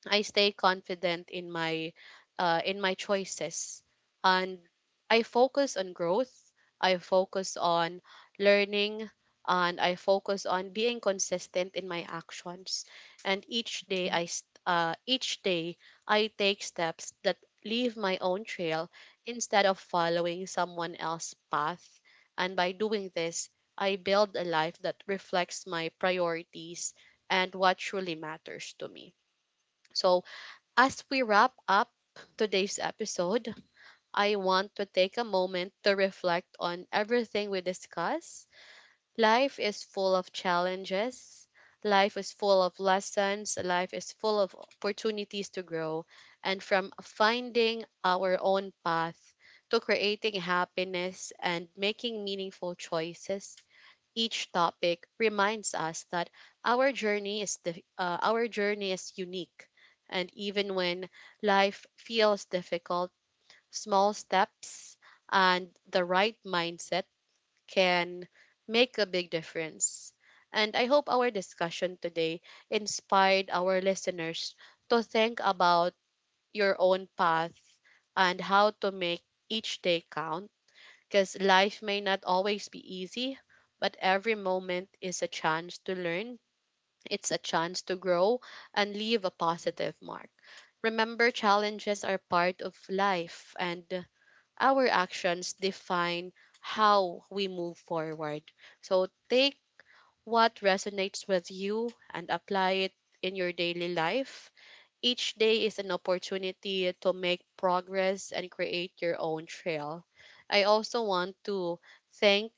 Speaker 1: I stay confident in my uh, in my choices, and I focus on growth, I focus on learning, and I focus on being consistent in my actions. And each day I s- uh, each day I take steps that leave my own trail instead of following someone else's path, and by doing this I build a life that reflects my priorities and what truly matters to me. So as we wrap up today's episode, I want to take a moment to reflect on everything we discuss. Life is full of challenges, life is full of lessons, life is full of opportunities to grow. And from finding our own path to creating happiness and making meaningful choices, each topic reminds us that our journey is the, uh, our journey is unique, and even when life feels difficult, small steps and the right mindset can make a big difference. And I hope our discussion today inspired our listeners to think about your own path and how to make each day count, because life may not always be easy, but every moment is a chance to learn, it's a chance to grow and leave a positive mark. Remember, challenges are part of life, and our actions define how we move forward. So take what resonates with you and apply it in your daily life. Each day is an opportunity to make progress and create your own trail. I also want to thank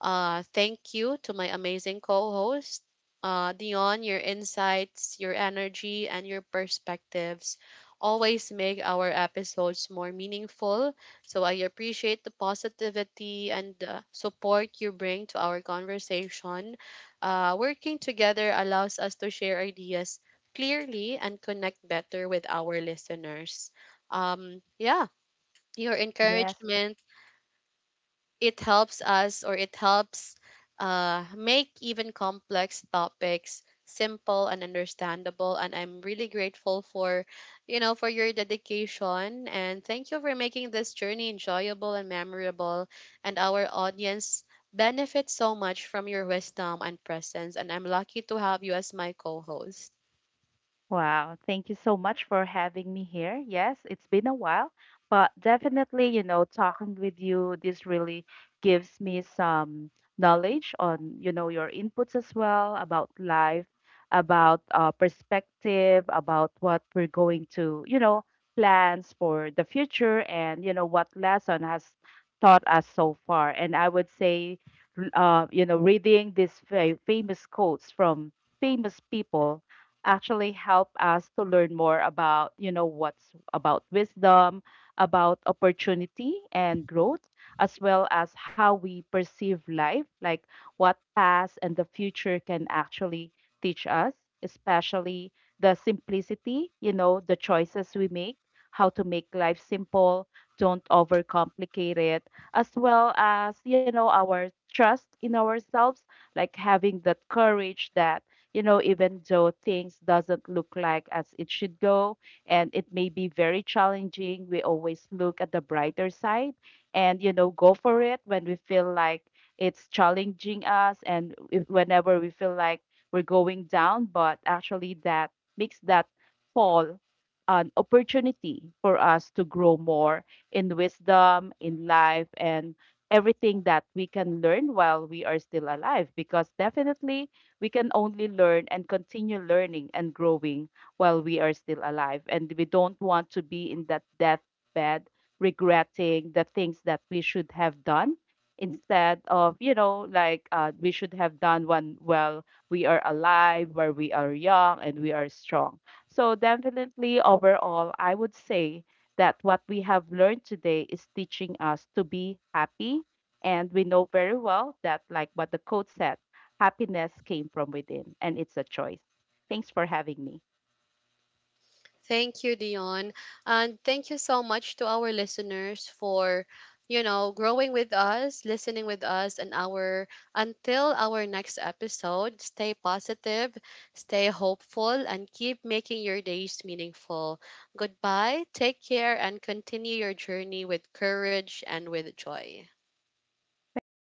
Speaker 1: uh, thank you to my amazing co host, uh, Dion. Your insights, your energy, and your perspectives always make our episodes more meaningful. So I appreciate the positivity and uh, support you bring to our conversation. Uh, working together allows us to share ideas clearly and connect better with our listeners. Um, yeah, your
Speaker 2: Yes.
Speaker 1: encouragement, it helps us or it helps uh, make even complex topics simple and understandable, and I'm really grateful for you know for your dedication, and thank you for making this journey enjoyable and memorable. And our audience benefits so much from your wisdom and presence, and I'm lucky to have you as my co-host.
Speaker 2: Wow, thank you so much for having me here. Yes, it's been a while, but definitely, you know, talking with you, this really gives me some knowledge on, you know, your inputs as well about life, about uh, perspective, about what we're going to, you know, plans for the future and, you know, what lesson has taught us so far. And I would say, r- uh, you know, reading these fa famous quotes from famous people actually help us to learn more about, you know, what's about wisdom, about opportunity and growth, as well as how we perceive life, like what past and the future can actually teach us, especially the simplicity, you know, the choices we make, how to make life simple, don't overcomplicate it, as well as, you know, our trust in ourselves, like having that courage that you know even though things doesn't look like as it should go and it may be very challenging, we always look at the brighter side and you know go for it when we feel like it's challenging us and if, whenever we feel like we're going down, but actually that makes that fall an opportunity for us to grow more in wisdom in life and everything that we can learn while we are still alive, because definitely we can only learn and continue learning and growing while we are still alive. And we don't want to be in that deathbed regretting the things that we should have done instead of, you know, like uh, we should have done one while we are alive, where we are young and we are strong. So, definitely, overall, I would say that what we have learned today is teaching us to be happy. And we know very well that, like what the coach said, happiness came from within, and it's a choice. Thanks for having me.
Speaker 1: Thank you, Dion. And thank you so much to our listeners for, you know, growing with us, listening with us, and our until our next episode, stay positive, stay hopeful, and keep making your days meaningful. Goodbye, take care, and continue your journey with courage and with joy.
Speaker 2: Thanks.